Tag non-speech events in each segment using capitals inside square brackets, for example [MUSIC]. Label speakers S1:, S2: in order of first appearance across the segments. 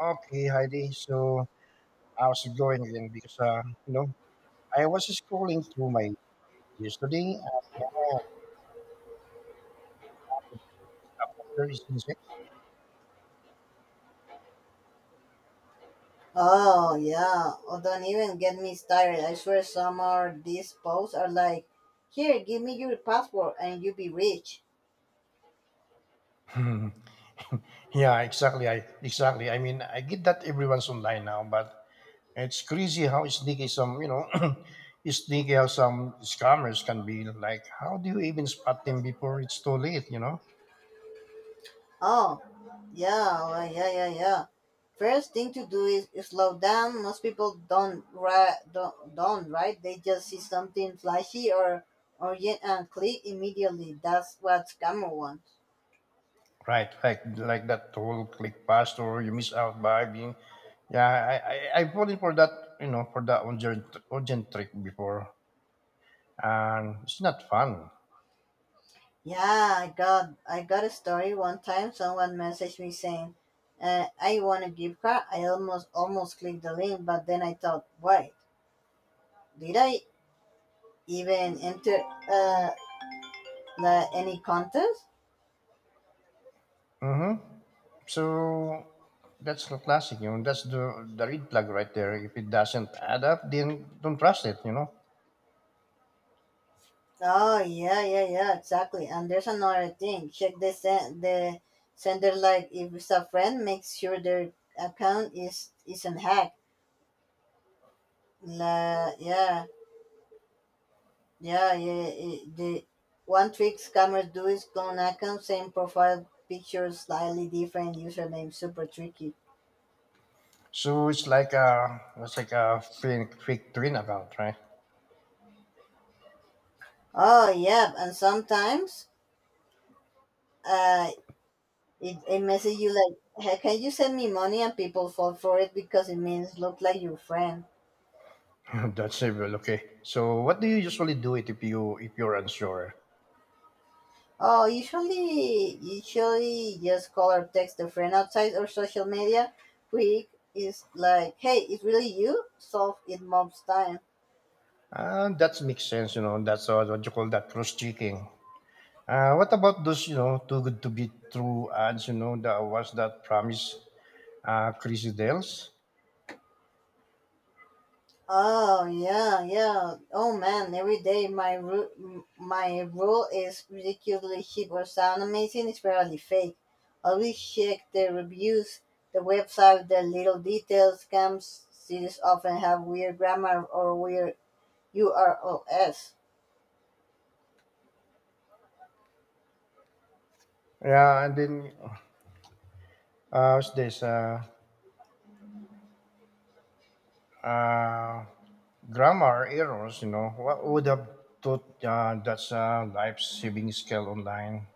S1: Okay, Heidi. So how's it going again? Because you know, I was scrolling through my yesterday. Uh, there is insect.
S2: Oh yeah. Oh, don't even get me started. I swear some of these posts are like, here, give me your passport and you'll be rich.
S1: Hmm. [LAUGHS] Yeah, exactly. I mean, I get that everyone's online now, but it's crazy how sneaky some you know, [CLEARS THROAT] sneaky how some scammers can be. Like, how do you even spot them before it's too late? You know.
S2: Oh, yeah, well, yeah, yeah, yeah. First thing to do is slow down. Most people don't right, don't right. They just see something flashy or yet and click immediately. That's what scammer want.
S1: Right, right. Like that whole click past or you miss out by being. Yeah, I voted for that, you know, for that urgent trick before. And it's not fun.
S2: Yeah, I got a story one time. Someone messaged me saying, "I want a gift card." I almost clicked the link, but then I thought, "Wait, did I even enter uh, the, any contest?"
S1: Mm-hmm. So that's the classic, you know, that's the red flag right there. If it doesn't add up, then don't trust it, you know.
S2: Oh yeah, yeah, yeah, exactly. And there's another thing. Check the the sender. Like if it's a friend, make sure their account is isn't hacked. La, yeah. Yeah, yeah. It, the one trick scammers do is clone account, same profile picture, slightly different username, super tricky.
S1: So it's like a fake twin account, right?
S2: Oh yeah, and sometimes uh, it, it message you like, "Hey, can you send me money? And people fall for it because it means look like your friend.
S1: [LAUGHS] that's evil, okay. So what do you usually do it if if you're unsure?
S2: Oh, usually just call or text a friend outside or social media. Quick is like, hey, it's really you. Solve it mob's time.
S1: That makes sense, you know. That's what you call that cross checking. What about those, you know, too good to be true ads, you know, the ones that promise crazy deals?
S2: Oh yeah, yeah. Oh man, every day my rule is ridiculously cheap or sound amazing. It's barely fake. Always check the reviews, the website, the little details. Scams cities often have weird grammar or weird URLs.
S1: Yeah, and then what's this? Uh, grammar errors, you know. What would have thought that's a life saving skill online?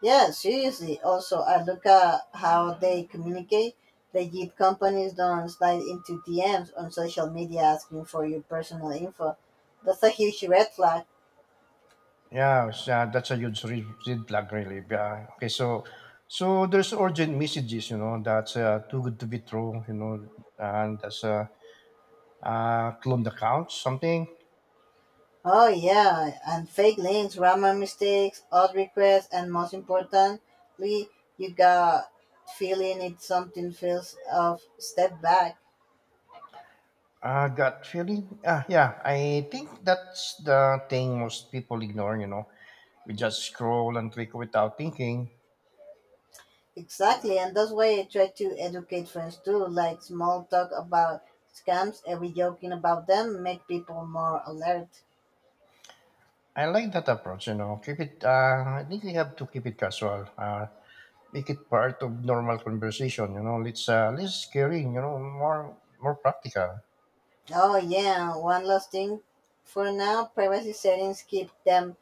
S2: Yeah, seriously. Also, I look at how they communicate. Legit companies don't slide into DMs on social media asking for your personal info. That's a huge red flag.
S1: Yeah, it's, that's a huge red flag, really. Yeah. Okay, so there's urgent messages, you know, that's too good to be true, you know, and that's clone the couch, something.
S2: Oh yeah, and fake links, grammar mistakes, odd requests, and most importantly, you got feeling it something feels of step back.
S1: Gut feeling. Yeah, I think that's the thing most people ignore, you know. We just scroll and click without thinking.
S2: Exactly, and that's why I try to educate friends too, like small talk about scams, every joking about them make people more alert.
S1: I like that approach, you know. Keep it, I think we have to keep it casual. Make it part of normal conversation, you know. Let's, less scary, you know, more, more practical.
S2: Oh yeah, one last thing for now, privacy settings keep them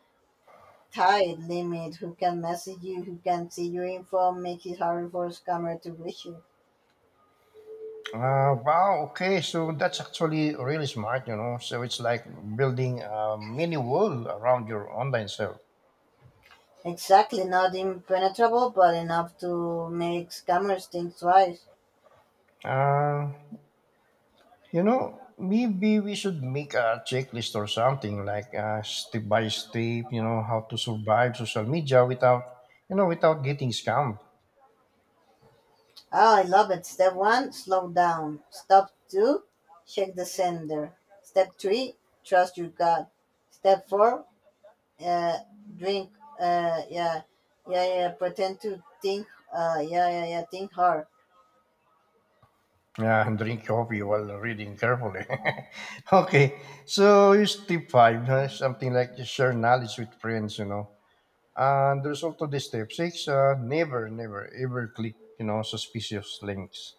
S2: tight limit who can message you, who can see your info, make it harder for a scammer to reach you.
S1: Wow, okay, so that's actually really smart, you know. So it's like building a mini wall around your online self.
S2: Exactly, not impenetrable, but enough to make scammers think twice.
S1: Uh, You know, maybe we should make a checklist or something like step by step, you know, how to survive social media without, you know, without getting scammed.
S2: Oh, I love it. Step one, slow down. Step two, check the sender. Step three, trust your gut. Step four, uh, drink. Yeah, yeah, yeah. Pretend to think. Yeah, yeah, yeah. Think hard.
S1: Yeah, and drink coffee while reading carefully. [LAUGHS] okay, so here's step 5, something like just share knowledge with friends, you know. And there's also the step 6, never, never, ever click, you know, suspicious links.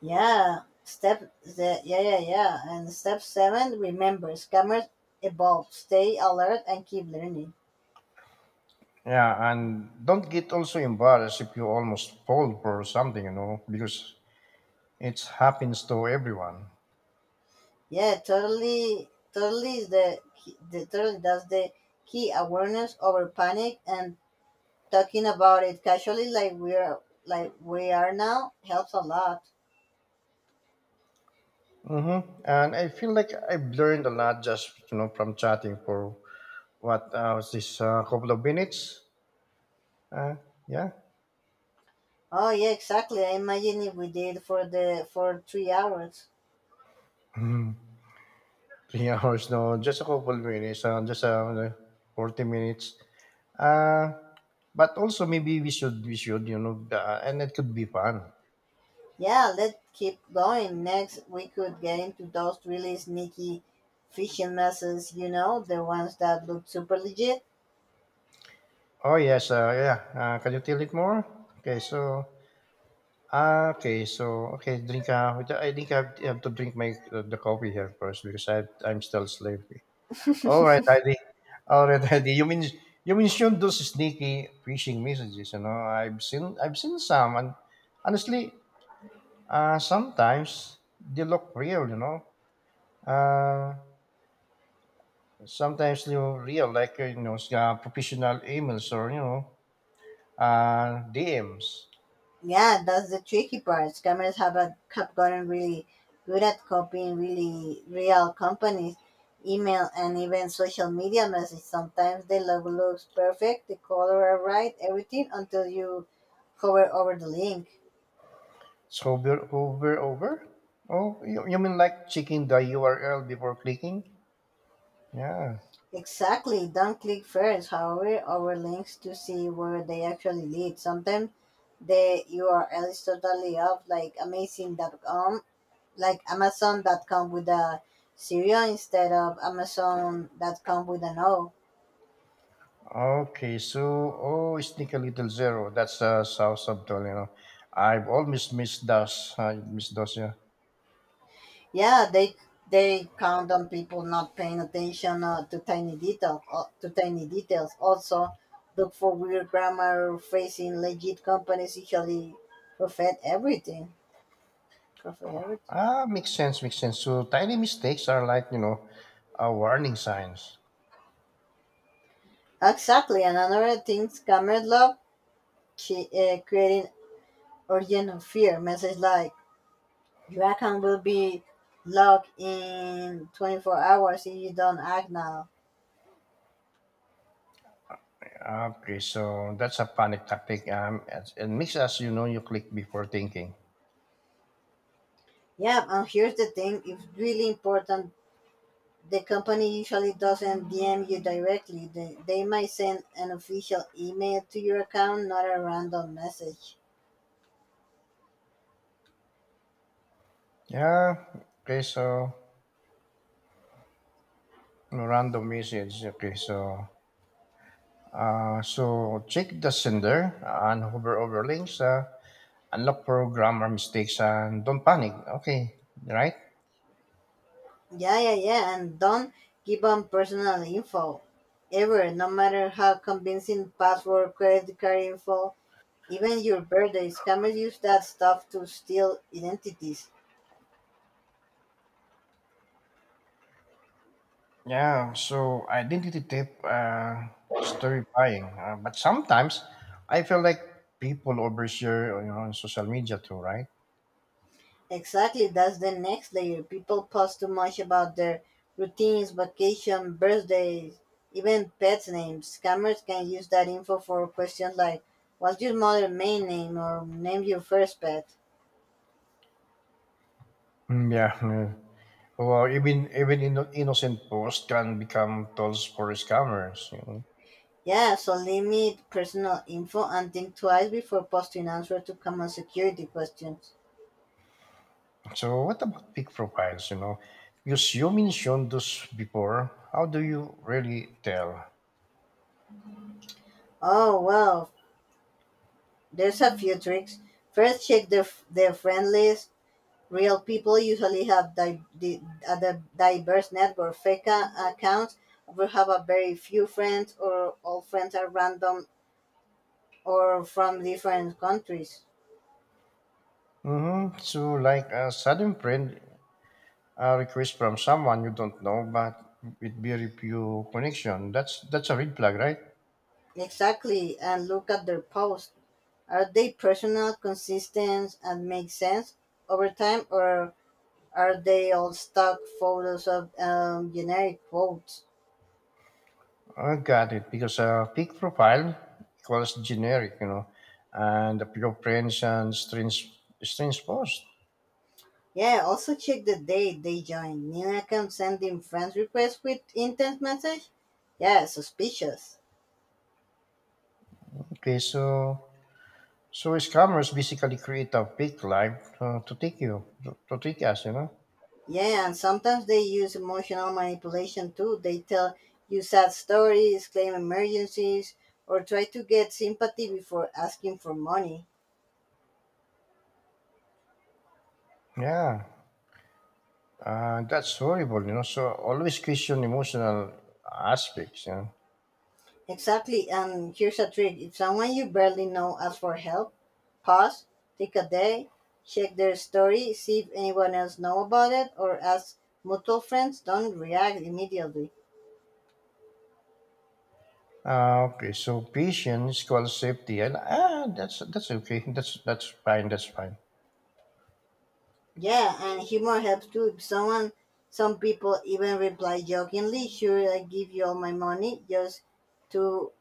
S2: Yeah. Step the yeah, yeah, yeah. And step seven, remember, scammers evolve. Stay alert and keep learning.
S1: Yeah, and don't get also embarrassed if you almost fall for something, you know, because it happens to everyone.
S2: Yeah, totally, totally is the, key- the totally that's the key awareness over panic and talking about it casually like we are now helps a lot.
S1: Hmm. And I feel like I've learned a lot just you know from chatting for what was this couple of minutes? Uh, yeah,
S2: Oh yeah, exactly. I imagine if we did for 3 hours.
S1: three [LAUGHS] hours. No, just a couple of minutes. Just 40 minutes. Uh, but also maybe we should you know and it could be fun.
S2: Yeah, let's keep going. Next, we could get into those really sneaky phishing messages. You know, the ones that look super legit.
S1: Oh yes, yeah. Can you tell it more? Okay, so drink. I think I have to drink my the coffee here first because I'm still sleepy. All right,
S2: [LAUGHS]
S1: Heidi. All right, [LAUGHS] Heidi. You mentioned those sneaky phishing messages. You know, I've seen some, and honestly, sometimes they look real. You know, uh, sometimes they look real, like you know, professional emails or you know, DMs.
S2: Yeah, that's the tricky part. Scammers have, a, have gotten really good at copying really real companies, email, and even social media message. Sometimes the logo looks perfect, the color are right, everything until you hover over the link.
S1: So over over over. Oh, you mean like checking the URL before clicking? Yeah.
S2: Exactly. Don't click first, however, over links to see where they actually lead. Sometimes the URL is totally off, like amazing.com like Amazon that come with a zero instead of Amazon that come with an O.
S1: Okay, so oh, sneaky little zero. That's South subtle, you know. I've always missed those. Yeah.
S2: Yeah, they count on people not paying attention to tiny details. Also, look for weird grammar. Facing legit companies usually profit everything. Profit everything.
S1: Ah, makes sense. Makes sense. So tiny mistakes are like you know, warning signs.
S2: Exactly. And another thing, scammers love creating origin of fear. Message like your account will be locked in 24 hours if you don't act now.
S1: Okay, so that's a panic tactic. It it makes us you know you click before thinking.
S2: Yeah, and here's the thing it's really important. The company usually doesn't DM you directly, they might send an official email to your account, not a random message.
S1: Yeah. Okay, so no random message. Okay, so so check the sender and hover over links. Unlock programmer mistakes and don't panic. Okay, right?
S2: Yeah, yeah, yeah, and don't give on personal info ever, no matter how convincing password, credit card info, even your birthday. Scammers use that stuff to steal identities.
S1: Yeah, so identity theft, story buying. But sometimes I feel like people overshare you know, on social media too, right?
S2: Exactly, that's the next layer. People post too much about their routines, vacation, birthdays, even pet names. Scammers can use that info for questions like, what's your mother's main name or name your first pet?
S1: Mm, yeah, yeah. Well, even even innocent posts can become tools for scammers. You know?
S2: Yeah, so limit personal info and think twice before posting answers to common security questions.
S1: So what about fake profiles? You know, because you mentioned those before. How do you really tell?
S2: Oh, well, there's a few tricks. First, check the friend list real people usually have a diverse network. Fake accounts will have a very few friends, or all friends are random or from different countries.
S1: Mm-hmm. So like a sudden friend a request from someone you don't know, but with very few connection. That's a red flag, right?
S2: Exactly, and look at their posts. Are they personal, consistent, and make sense over time, or are they all stock photos of generic quotes?
S1: I got it because a fake profile equals generic, you know, and a few friends and strange post.
S2: Yeah, also check the date they joined. New account sending friends requests with intent message? Yeah, suspicious.
S1: Okay, so scammers basically create a fake life to take us, you know.
S2: Yeah, and sometimes they use emotional manipulation too. They tell you sad stories, claim emergencies, or try to get sympathy before asking for money.
S1: Yeah, that's horrible, you know. So always question emotional aspects, you know.
S2: Exactly, and here's a trick if someone you barely know asks for help, pause, take a day, check their story, see if anyone else know about it, or ask mutual friends. Don't react immediately.
S1: Okay, so patience equals safety, and ah, that's okay. That's fine. That's fine.
S2: Yeah, and humor helps too. Someone, some people even reply jokingly, "Sure, I give you all my money," just to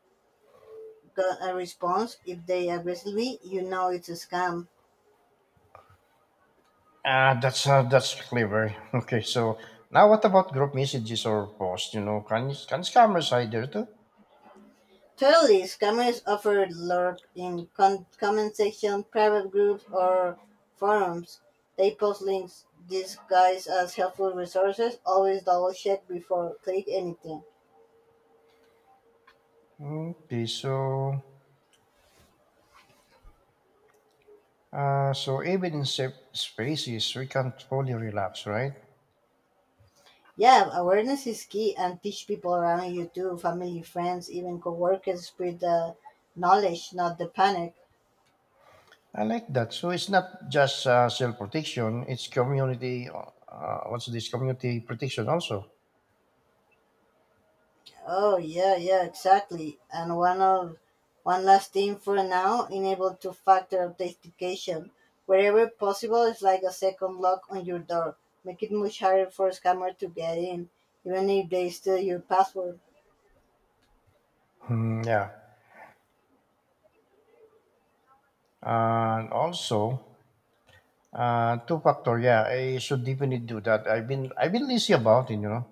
S2: get a response. If they aggressively, you know it's a scam.
S1: Ah, that's clever. [LAUGHS] Okay, so now what about group messages or posts? You know, can scammers hide there too?
S2: Totally, scammers offer lurk in comment section, private groups, or forums. They post links disguised as helpful resources. Always double check before click anything.
S1: Okay, so so even in safe spaces, we can't fully relax, right?
S2: Yeah, awareness is key and teach people around you too, family, friends, even coworkers spread the knowledge, not the panic.
S1: I like that. So it's not just self protection; it's community. What's this community protection also?
S2: Oh yeah, yeah, exactly. And one last thing for now, enable two factor authentication. Wherever possible it's like a second lock on your door. Make it much harder for a scammer to get in, even if they steal your password.
S1: Hmm, yeah, and also two factor, yeah, I should definitely do that. I've been lazy about it, you know.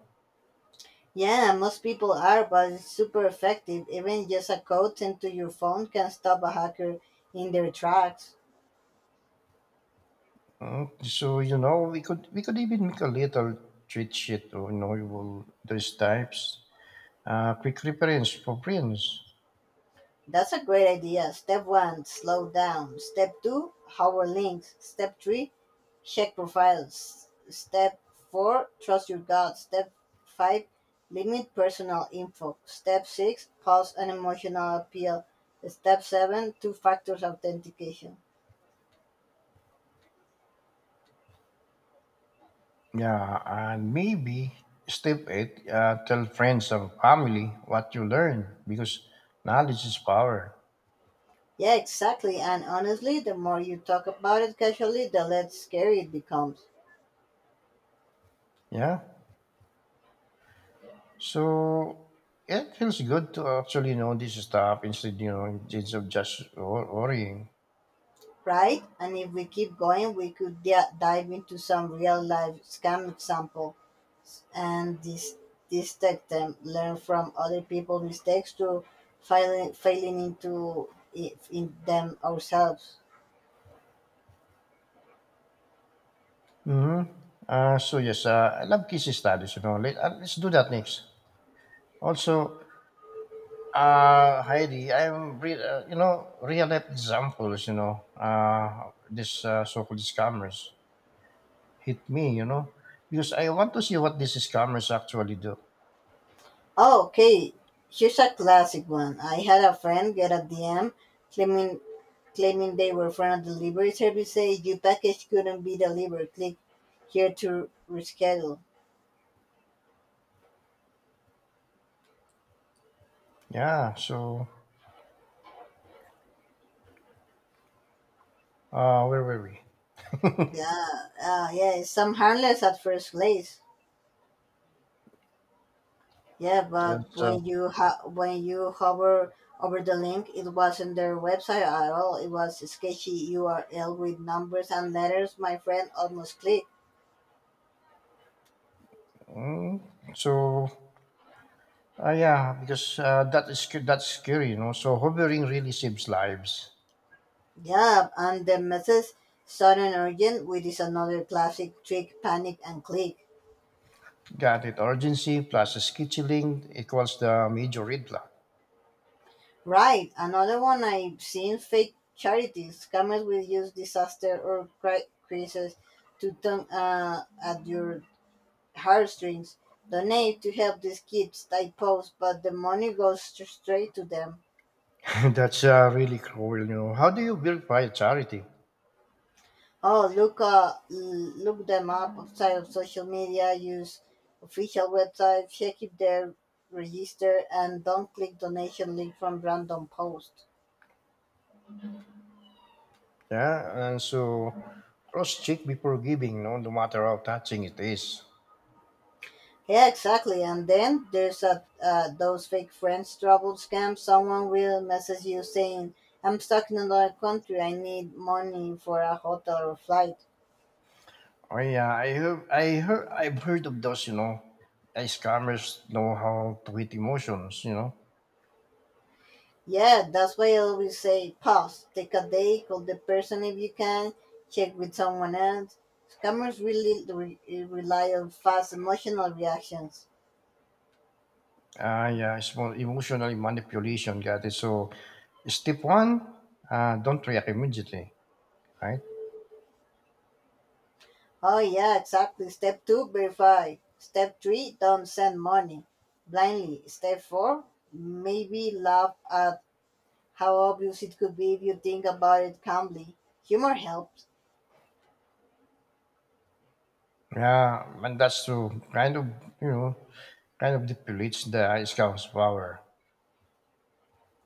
S2: Yeah, most people are, but it's super effective. Even just a code sent to your phone can stop a hacker in their tracks.
S1: Mm, so you know, we could even make a little cheat sheet, or, you know, you will those types, quick reference for friends,
S2: That's a great idea. Step one, slow down. Step two, hover links. Step three, check profiles. Step four, trust your gut. Step five, limit personal info. Step six, pause an emotional appeal. Step seven, two factors authentication.
S1: yeah, and maybe step 8, tell friends and family what you learn because knowledge is power,
S2: Yeah, exactly. And honestly, the more you talk about it casually, the less scary it becomes.
S1: yeah. So it feels good to actually know this stuff instead, you know, instead of just worrying.
S2: Right? And if we keep going, we could dive into some real life scam example and dissect them, learn from other people's mistakes to failing into in them ourselves.
S1: Hmm. So yes, I love case studies. You know, let's do that next. Also, Heidi, you know real life examples. You know, this so-called scammers hit me. You know, because I want to see what these scammers actually do.
S2: Oh, okay, here's a classic one. I had a friend get a DM claiming claiming they were from a delivery service say your package couldn't be delivered. Click here to reschedule.
S1: Yeah. So, where were we?
S2: Yeah, yeah, it's some harmless at first glance. Yeah, but
S1: That's,
S2: when you hover over the link, it wasn't their website at all. It was a sketchy URL with numbers and letters. My friend almost clicked.
S1: mm, so, yeah, because that is that's scary. You know, so hovering really saves lives.
S2: Yeah, and the message sudden urgent, which is another classic trick: panic and click.
S1: Got it. Urgency plus scheduling equals the major red flag.
S2: Right, another one I've seen fake charities. Scammers will use disaster or crisis to turn at your heartstrings, donate to help these kids, I post, but the money goes straight to them.
S1: [LAUGHS] That's really cruel, you know. How do you verify charity?
S2: Oh, look, look them up outside of social media, use official website, check if they're registered, and don't click donation link from random post.
S1: Yeah, and so cross-check before giving, no, no matter how touching it is.
S2: Yeah, exactly. And then there's those fake friends trouble scams. Someone will message you saying, I'm stuck in another country. I need money for a hotel or flight.
S1: Oh yeah, I've heard of those, you know. Scammers know how to hit emotions, you know.
S2: Yeah, that's why I always say pause, take a day, call the person if you can, check with someone else. Scammers really rely on fast emotional reactions.
S1: Ah, yeah, it's more emotional manipulation. Got it. So, step 1, don't react immediately, right?
S2: Oh, yeah, exactly. Step two, verify. Step three, don't send money blindly. Step four, maybe laugh at how obvious it could be if you think about it calmly. Humor helps.
S1: Yeah, and that's true. Kind of, you know, kind of depletes the scout's power.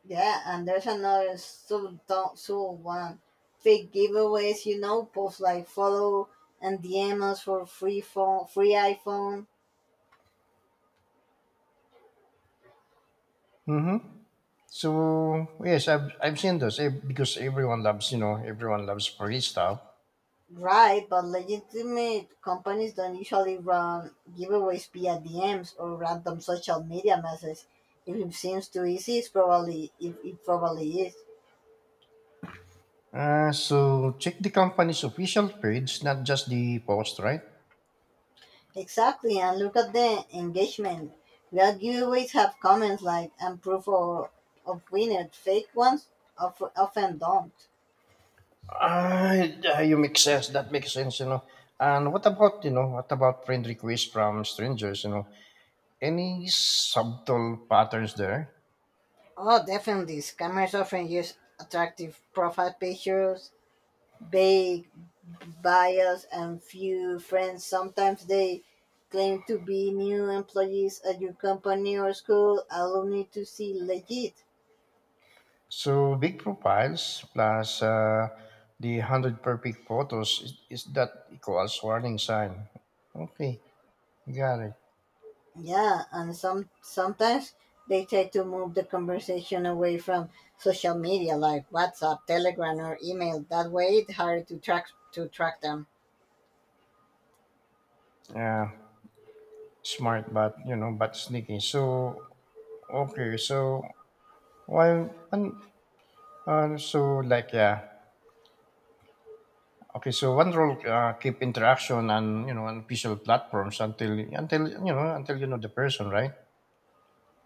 S2: Yeah, and there's another sub one. Fake giveaways, you know, post like follow and DM us for free phone, free iPhone.
S1: Mm-hmm. So yes, I've seen those eh, because everyone loves free stuff.
S2: Right, but legitimate companies don't usually run giveaways via DMs or random social media messages. If it seems too easy, it probably is.
S1: So check the company's official page, not just the post, right?
S2: Exactly, and look at the engagement. Real giveaways have comments like and proof of winner. Fake ones of, often don't.
S1: Ah, yeah, you make sense. That makes sense, you know. And what about, you know, what about friend requests from strangers, you know? Any subtle patterns there?
S2: Oh, definitely. Scammers often use attractive profile pictures, vague bios, and few friends. Sometimes they claim to be new employees at your company or school, alumni to see legit.
S1: So big profiles plus the hundred perfect photos is that equals warning sign. Okay, got it.
S2: Yeah, and some sometimes they try to move the conversation away from social media like WhatsApp, Telegram, or email. That way, it's harder to track them.
S1: Yeah, smart but you know but sneaky. So okay, so why one uh, so like yeah. Okay, so one rule keep interaction and you know on official platforms until you know the person, right?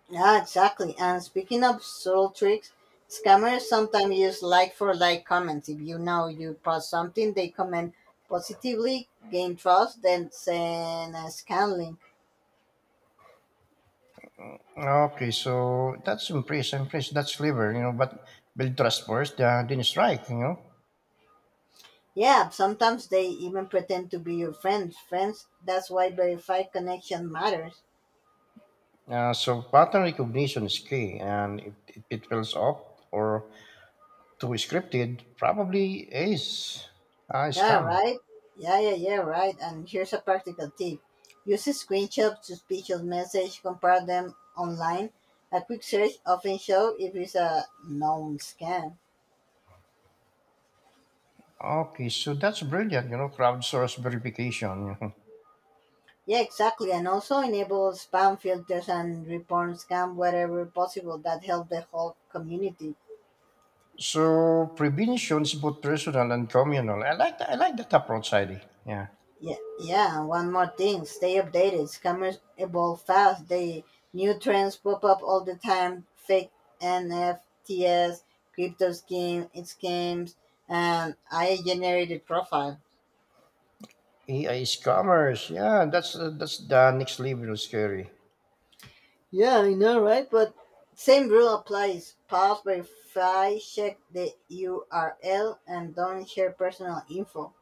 S2: Yeah, exactly. And speaking of subtle tricks, scammers sometimes use like for like comments. If you know you post something, they comment positively, gain trust, then send a scan link.
S1: Okay, so that's impressive. That's clever, you know. But build trust first, then strike, you know.
S2: Yeah, sometimes they even pretend to be your friends. Friends, that's why verified connection matters.
S1: So pattern recognition is key, and if it feels off or too scripted, probably is a
S2: Yeah,
S1: scam.
S2: right? Yeah, yeah, yeah, right. And here's a practical tip use screenshots to speech or message, compare them online. A quick search often shows if it's a known scam.
S1: Okay, so that's brilliant, you know, crowdsource verification. [LAUGHS] you know.
S2: Yeah, exactly. And also enable spam filters and report scam wherever possible. That help the whole community.
S1: So prevention is both personal and communal. I like that approach, Heidi. Yeah.
S2: Yeah, yeah. and One more thing: stay updated. Scammers evolve fast. They new trends pop up all the time. Fake NFTs, crypto scheme, scams, and AI generated profile.
S1: AI scammers, yeah, that's the next level of scary.
S2: Yeah, I know, right? But same rule applies. Pause, verify, check the URL, and don't share personal info.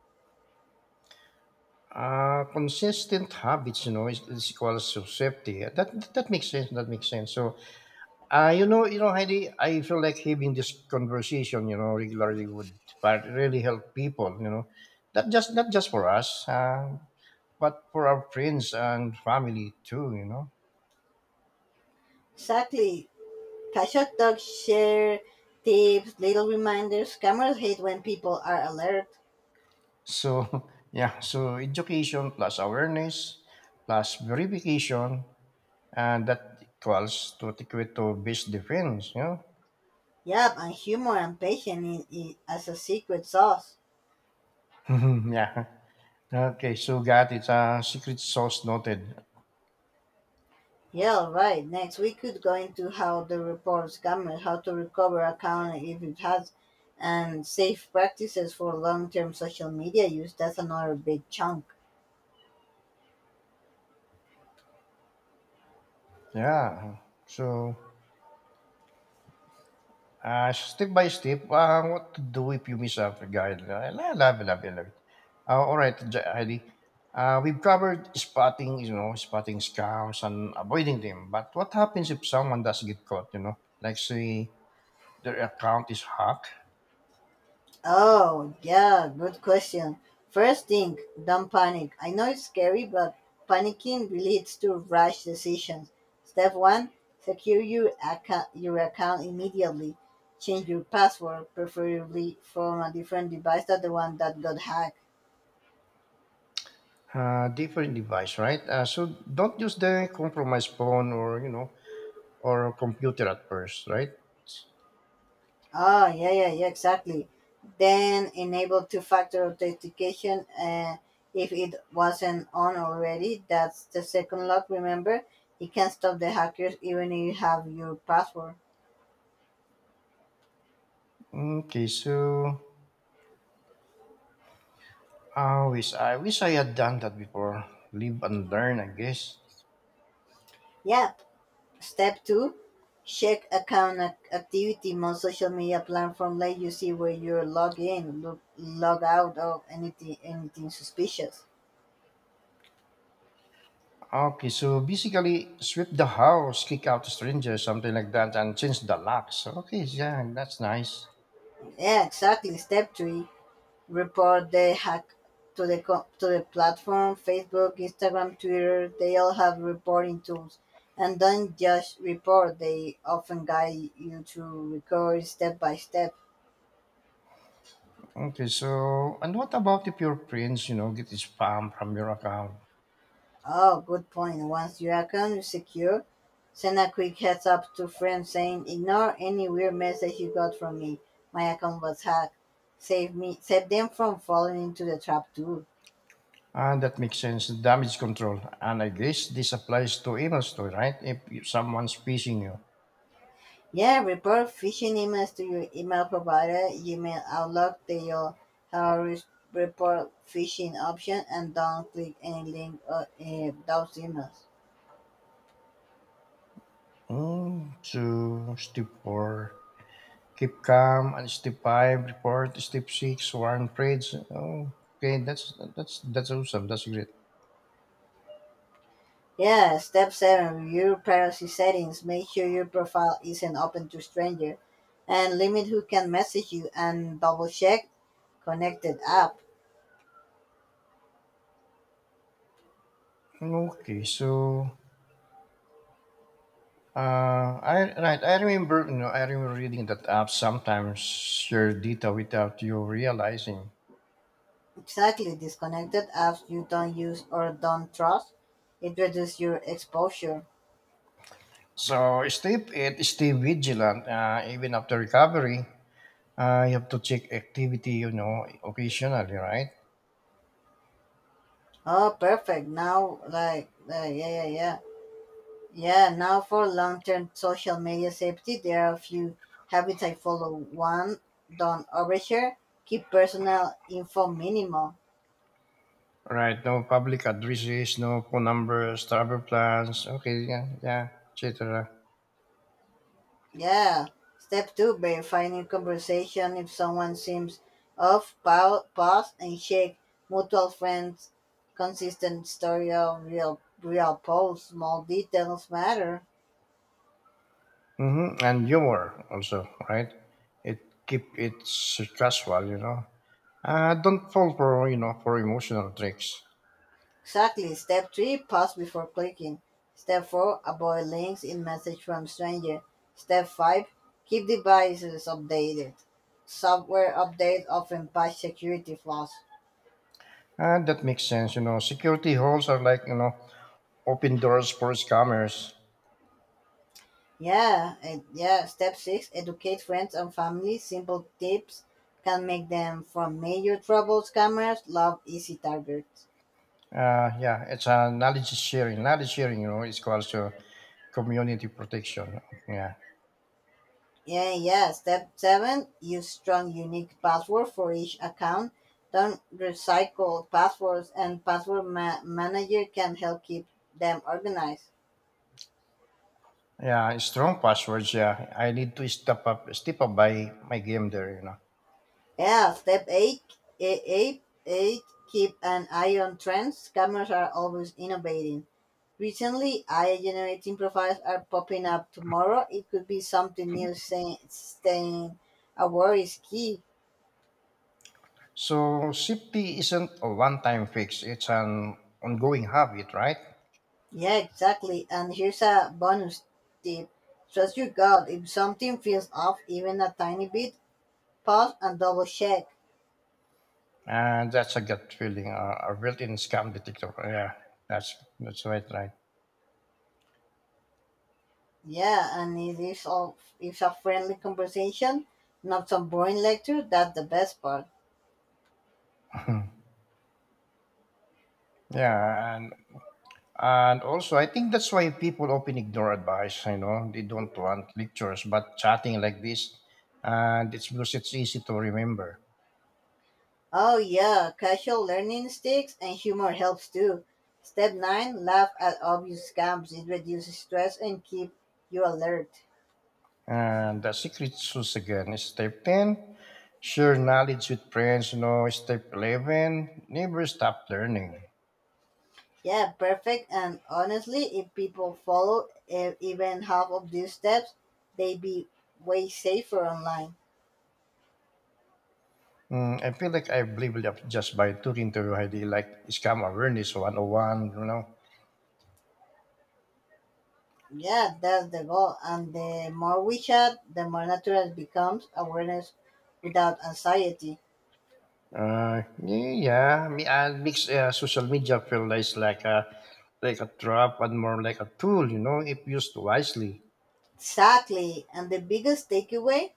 S1: Consistent habits, you know, is equals to safety. That makes sense. That makes sense. So you know, Heidi, I feel like having this conversation, you know, regularly would but really help people, you know, not just for us, but for our friends and family too, you know.
S2: Exactly. Casual talks share tips, little reminders. Cameras hate when people are alert.
S1: So [LAUGHS] yeah, so education plus awareness plus verification, and that equals to equate to base defense, you know.
S2: Yep, and humor and patience as a secret sauce.
S1: [LAUGHS] yeah. Okay, so got it. Secret sauce noted.
S2: Yeah, all right. Next, we could go into how the reports cameras, how to recover account if it has, and safe practices for long-term social media use. That's another big chunk.
S1: Yeah. So. Step by step, what to do if you miss a guide. I love it. All right, Heidi. We've covered spotting, you know, spotting scams and avoiding them. But what happens if someone does get caught, you know? Like, say, their account is hacked.
S2: Oh, yeah, good question. First thing, don't panic. I know it's scary, but panicking leads to rash decisions. Step one, secure your account immediately. Change your password, preferably from a different device than the one that got hacked.
S1: Different device, right? So don't use the compromised phone or, you know, or computer at first, right?
S2: Ah, yeah, yeah, yeah, exactly. Then enable two-factor authentication if it wasn't on already. That's the second lock. Remember, it can stop the hackers even if you have your password.
S1: Okay, so I wish I had done that before. Live and learn, I guess.
S2: Yeah. Step two, check activity. Most social media platform let you see where you're logged in, log out of anything suspicious.
S1: Okay, so basically sweep the house, kick out the strangers, something like that, and change the locks. Okay, yeah, that's nice.
S2: Yeah, exactly. Step three, report the hack to the platform, Facebook, Instagram, Twitter. They all have reporting tools, and don't just report. They often guide you to recovery step by step.
S1: Okay, so and what about if your friends, you know, get spam from your account?
S2: Oh, good point. Once your account is secure, send a quick heads up to friends saying ignore any weird message you got from me, my account was hacked. Save them from falling into the trap too.
S1: Ah, that makes sense. Damage control, and I guess this applies to emails too, right? If you- someone's phishing you.
S2: Yeah, report phishing emails to your email provider, Gmail, Outlook, to your Harris report phishing option, and don't click any link or those emails.
S1: So step four, keep calm, and step five, report. Step six, warn friends. Oh, okay, that's awesome. That's great.
S2: Yeah, step seven, review privacy settings. Make sure your profile isn't open to strangers and limit who can message you and double check connected app.
S1: Okay, so I right. I remember, I remember reading that app sometimes share data without you realizing.
S2: Exactly, disconnected apps you don't use or don't trust. It reduces your exposure.
S1: So stay vigilant. Even after recovery, you have to check activity. You know, occasionally, right?
S2: Oh, perfect. Now, now for long term social media safety, there are a few habits I follow. One, don't overshare, keep personal info minimal.
S1: Right. No public addresses, no phone numbers, travel plans. Okay, yeah, yeah, etc.
S2: Yeah. Step two, verifying in conversation if someone seems off, pause and check mutual friends, consistent story of real posts, small details matter.
S1: Mm-hmm. And humor also, right? It keep it casual, you know. Don't fall for for emotional tricks.
S2: Exactly. Step 3 pause before clicking. Step 4 avoid links in message from stranger. Step 5 keep devices updated. Software updates often patch security flaws.
S1: That makes sense. You know, security holes are like, open doors for scammers.
S2: Yeah, and yeah. Step 6 educate friends and family. Simple tips can make them from major troubles scammers love easy targets.
S1: Yeah, it's a knowledge sharing. Knowledge sharing, you know, is called to community protection. Yeah.
S2: Yeah, yeah. Step seven, use strong unique password for each account. Don't recycle passwords and manager can help keep them organized.
S1: Yeah, strong passwords. Yeah, I need to step up by my game there, you know.
S2: Yeah, step eight, keep an eye on trends. Scammers are always innovating. Recently, AI generating profiles are popping up tomorrow. It could be something new saying staying aware is key.
S1: So safety isn't a one-time fix. It's an ongoing habit, right?
S2: Yeah, exactly. And here's a bonus tip. Trust your gut. If something feels off even a tiny bit, pause and double check.
S1: And that's a gut feeling, a built-in scam detector. Yeah, that's right, right.
S2: Yeah, and it is all it's a friendly conversation, not some boring lecture, that's the best part.
S1: Yeah, and also, I think that's why people often ignore advice. You know, they don't want lectures, but chatting like this, and it's because it's easy to remember.
S2: Oh yeah, casual learning sticks and humor helps too. step 9, laugh at obvious scams. It reduces stress and keep you alert.
S1: And the secret sauce again is step 10, share knowledge with friends. You know, step 11, never stop learning.
S2: Yeah, perfect. And honestly, if people follow even half of these steps, they be way safer online.
S1: Mm, I feel like I've leveled up just by talking to you, ID like scam awareness 101, you know.
S2: Yeah, that's the goal. And the more we chat, the more natural it becomes awareness without anxiety.
S1: Yeah, me Makes social media feel less like a trap and more like a tool, you know, if used wisely.
S2: Exactly. And the biggest takeaway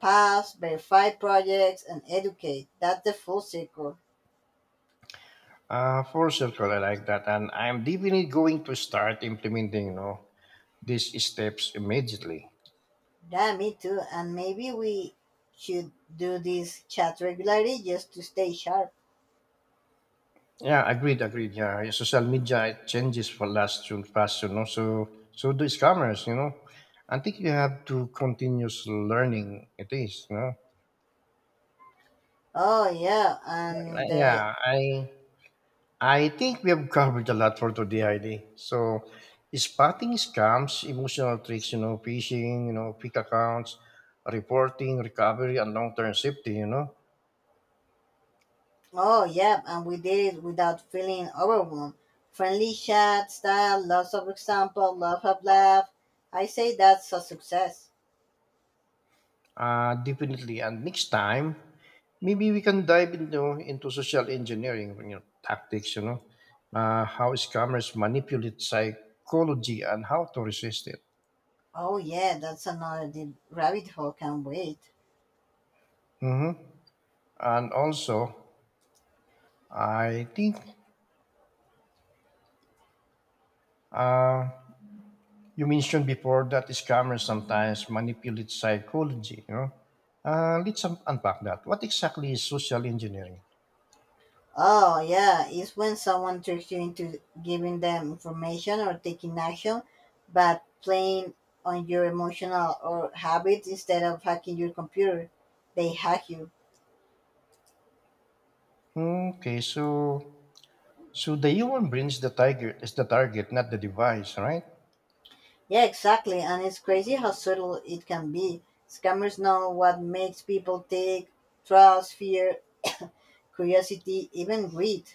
S2: pass, verify projects, and educate. That's the full circle.
S1: For circle, I like that, and I'm definitely going to start implementing, you know, these steps immediately.
S2: Yeah, me too. And maybe we should do this chat regularly just to stay sharp.
S1: Yeah, agreed. Yeah, social media it changes for last soon, fast, you know. So do scammers, you know. I think you have to continuous learning. It is, you know.
S2: Oh yeah, and
S1: Uh,
S2: the
S1: yeah, I I think we have covered a lot for today, Heidi. So, spotting scams, emotional tricks, you know, phishing, you know, fake accounts, reporting, recovery, and long-term safety, you know.
S2: Oh, yeah, and we did it without feeling overwhelmed. Friendly chat style, lots of example, lots of laugh. I say that's a success.
S1: Definitely. And next time, maybe we can dive into social engineering, you know, tactics, how scammers manipulate psychology and how to resist it.
S2: Oh, yeah, that's another deep rabbit hole, can't wait.
S1: hmm And also, I think uh, you mentioned before that scammers sometimes manipulate psychology, you know? Let's unpack that. What exactly is social engineering?
S2: Oh, yeah, it's when someone tricks you into giving them information or taking action, but playing on your emotional or habits instead of hacking your computer. They hack you.
S1: Okay, so the human brain is the target, not the device, right?
S2: Yeah, exactly. And it's crazy how subtle it can be. Scammers know what makes people tick, trust, fear, [COUGHS] curiosity, even greed.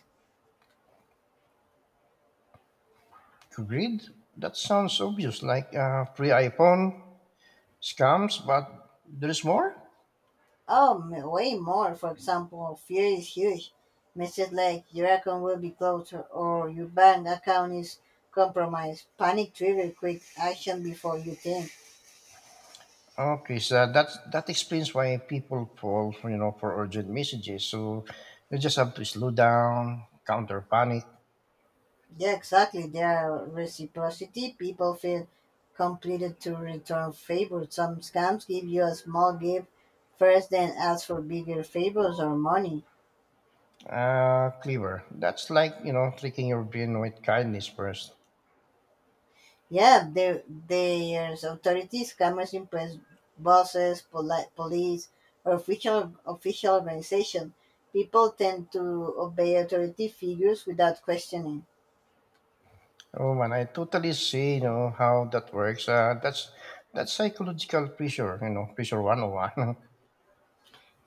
S1: Greed? That sounds obvious, like free iPhone scams, but there is more.
S2: Way more. For example, fear is huge. Messages like your account will be closed or your bank account is compromised. Panic trigger quick action before you think.
S1: Okay, so that that explains why people fall, for, for urgent messages. So you just have to slow down, counter panic.
S2: Yeah, exactly. There are reciprocity. People feel completed to return favors. Some scams give you a small gift first, then ask for bigger favors or money.
S1: Clever. That's like, you know, tricking your brain with kindness first.
S2: Yeah, there's authorities, scammers impress bosses, police, or official organization. People tend to obey authority figures without questioning.
S1: Oh man, I totally see, you know, how that works. That's psychological pressure, you know, pressure 101.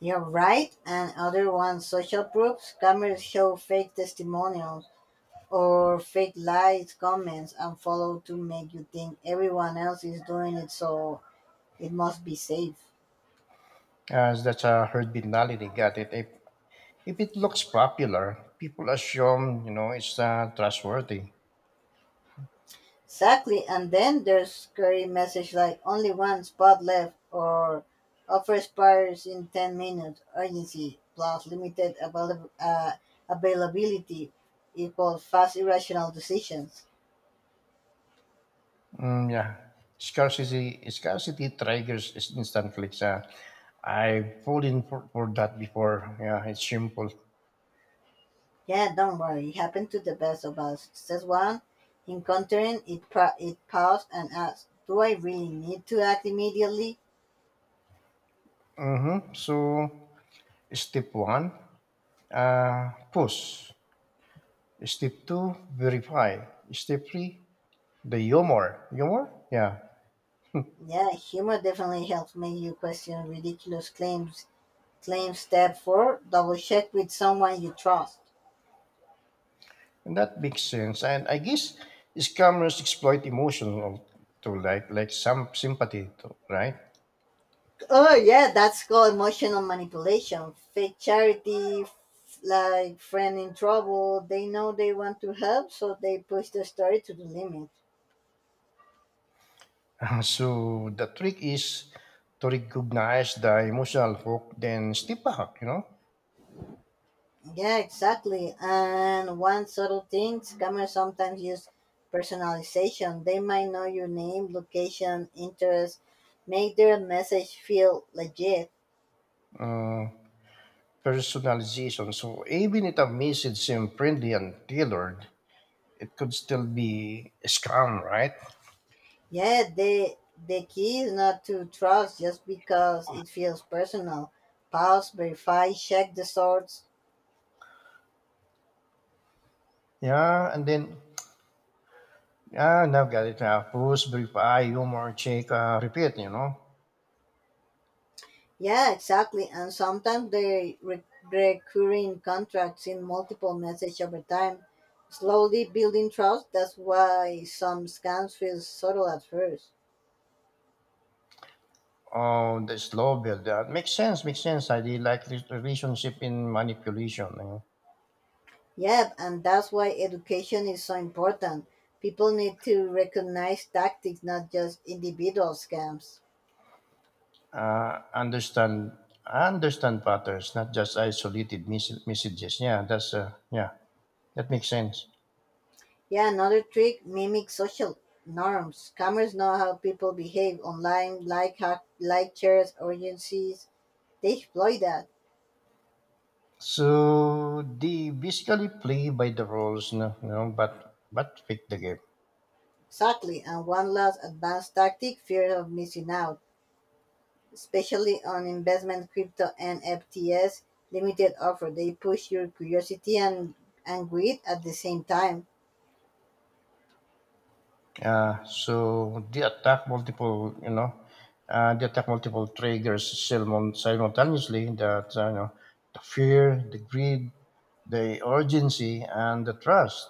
S2: You're right, and other ones, social proofs, scammers show fake testimonials or fake likes, comments, and follow to make you think everyone else is doing it, so it must be safe.
S1: [LAUGHS] As that's a herd mentality, got it. If it looks popular, people assume, you know, it's trustworthy.
S2: Exactly, and then there's scary message like only one spot left or offer expires in 10 minutes, urgency plus availability equals fast irrational decisions.
S1: Mm, yeah. Scarcity triggers is instant clicks. I've fallen for that before. Yeah, it's simple.
S2: Yeah, don't worry, it happened to the best of us. That's one, encountering it, paused and asked, do I really need to act immediately?
S1: Mm-hmm. So step one, push. Step two, verify. Step three, the humor. Humor? Yeah.
S2: Yeah, humor definitely helps make you question ridiculous claims. Claim step four, double check with someone you trust.
S1: And that makes sense. And I guess scammers exploit emotional to like some sympathy to, right?
S2: Oh yeah, that's called emotional manipulation. Fake charity, like friend in trouble. They know they want to help, so they push the story to the limit.
S1: [LAUGHS] So the trick is to recognize the emotional hook, then step back, you know?
S2: Yeah, exactly. And one subtle things, scammers sometimes use personalization. They might know your name, location, interest, make their message feel legit.
S1: Uh, Personalization. So even if a message seems friendly and tailored, it could still be a scam, right?
S2: Yeah, the key is not to trust just because it feels personal. Pause, verify, check the source.
S1: Yeah, and then now got it now. Pause, brief eye, humor, check, repeat, you know.
S2: Yeah, exactly. And sometimes recurring contracts in multiple message over time, slowly building trust. That's why some scams feel subtle at first.
S1: Oh, the slow build. That makes sense, makes sense. I did like relationship in manipulation. You know?
S2: Yeah, and that's why education is so important. People need to recognize tactics, not just individual scams.
S1: uh, understand Understand patterns, not just isolated messages. Yeah, that makes sense.
S2: Yeah, another trick mimic social norms. Scammers know how people behave online, like hack, like shares, urgencies. They exploit that.
S1: So they basically play by the rules, no, you know, but pick the game.
S2: Exactly. And one last advanced tactic fear of missing out, especially on investment, crypto, and FTS limited offer. They push your curiosity and greed at the same time.
S1: Uh, so they attack multiple, you know, they attack multiple triggers simultaneously. That you know, the fear, the greed, the urgency, and the trust.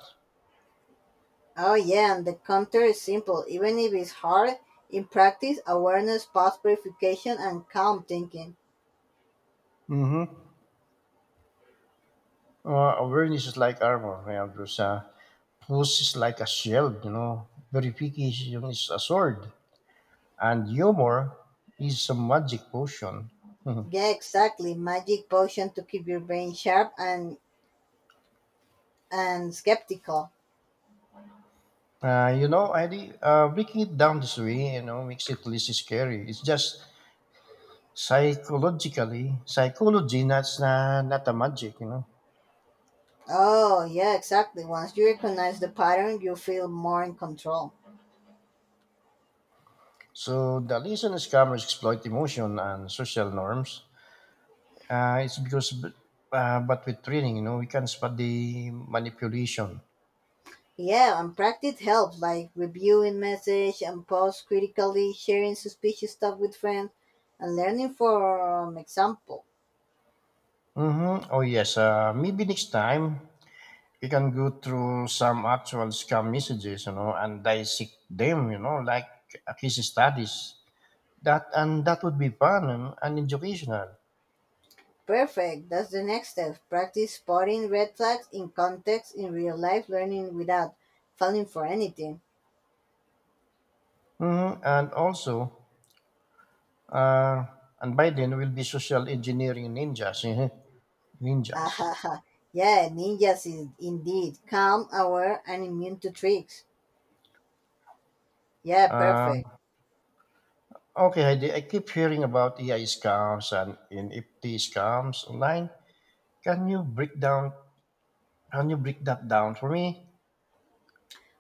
S2: Oh, yeah, and the counter is simple. Even if it's hard, in practice, awareness, past verification, and calm thinking.
S1: hmm awareness is like armor. Yeah, because puss is like a shield. You know, verification is a sword, and humor is a magic potion. Mhm.
S2: Yeah, exactly. Magic potion to keep your brain sharp and skeptical.
S1: You know, Eddie, breaking it down this way, you know, makes it less scary. It's just psychologically psychology that's not a magic, you know.
S2: Oh, yeah, exactly. Once you recognize the pattern, you feel more in control.
S1: So the reason scammers exploit emotion and social norms, uh, it's because b- but with training you know we can spot the manipulation.
S2: Yeah, and practice helps, like reviewing message and post critically, sharing suspicious stuff with friends, and learning from example.
S1: Mm-hmm. Oh yes, maybe next time we can go through some actual scam messages, you know, and dissect them, you know, like a case studies. That would be fun and educational.
S2: Perfect. That's the next step. Practice spotting red flags in context in real life, learning without falling for anything.
S1: Mm-hmm. And also, Uh, and by then, we'll be social engineering ninjas. [LAUGHS] Ninjas.
S2: Ahaha. Yeah, ninjas is indeed calm, aware, and immune to tricks. Yeah,
S1: Uh,
S2: perfect.
S1: okay, Heidi, I keep hearing about AI scams and NFT scams online. Can you break down? Can you break that down for me?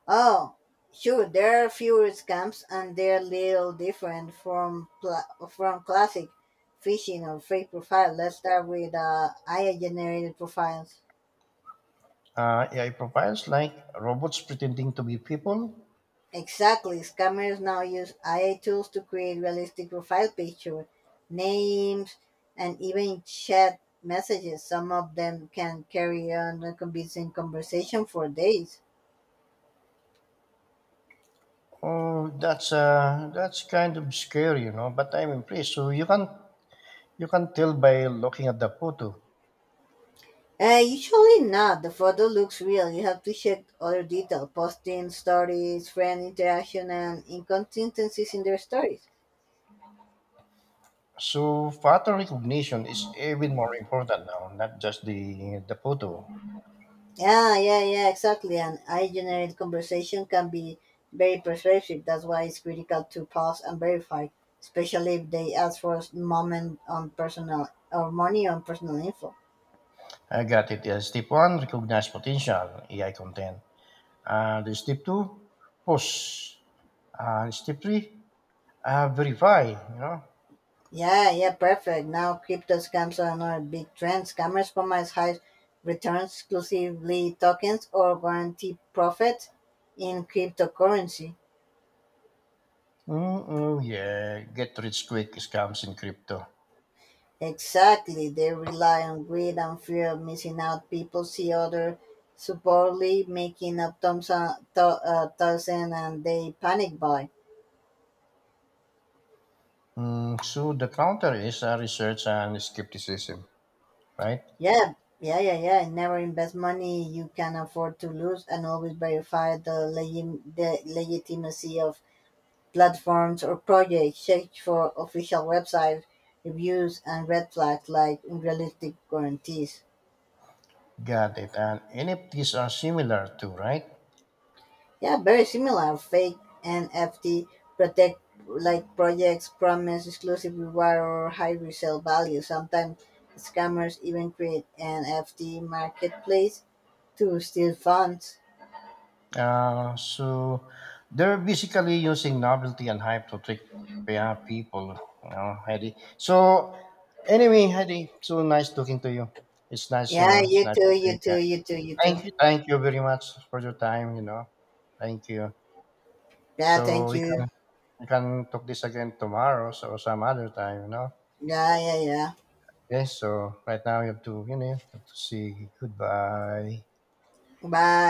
S2: Oh, sure. There are fewer scams, and they're little different from classic phishing or fake profile. Let's start with AI generated profiles.
S1: AI profiles like robots pretending to be people.
S2: Exactly. Scammers now use AI tools to create realistic profile pictures, names, and even chat messages. Some of them can carry on a convincing conversation for days.
S1: Oh, that's kind of scary, you know. But I'm impressed. So you can tell by looking at the photo.
S2: Usually not. The photo looks real. You have to check other detail, posting, stories, friend interaction, and inconsistencies in their stories.
S1: So photo recognition is even more important now, not just the photo.
S2: Yeah, yeah, yeah, exactly. And I generate conversation can be very persuasive. That's why it's critical to pause and verify, especially if they ask for a moment on personal or money on personal info.
S1: I got it. Step one, recognize potential AI content. The Step two, post. Step three, verify. You know,
S2: Yeah, yeah, perfect. Now crypto scams are another big trend. Scammers promise high returns, exclusively tokens, or guarantee profits in cryptocurrency.
S1: mm, yeah, get rich quick scams in crypto.
S2: Exactly. They rely on greed and fear of missing out. People see other supposedly making up thousand, thousand and they panic buy.
S1: Mm, so the counter is research and skepticism, right?
S2: Yeah, yeah, yeah, yeah. Never invest money you can afford to lose and always verify the, the legitimacy of platforms or projects. Check for official website reviews and red flags like unrealistic guarantees.
S1: Got it. And NFTs are similar too, right?
S2: Yeah, very similar. Fake NFT protect like projects promise exclusive reward or high resale value. Sometimes scammers even create NFT marketplace to steal funds.
S1: So they're basically using novelty and hype to trick, yeah, people, you know, Heidi. So anyway, Heidi, so nice talking to you. It's nice, you
S2: Yeah,
S1: know, it's
S2: you
S1: nice.
S2: too,
S1: Doing
S2: you
S1: that.
S2: too, you too, you too.
S1: Thank you very much for your time, you know. Thank you.
S2: Yeah,
S1: So
S2: thank
S1: we can
S2: you.
S1: talk this again tomorrow, so some other time, you know.
S2: Yeah, yeah, yeah.
S1: Okay, so right now you have to, you know, you have to say goodbye.
S2: Bye.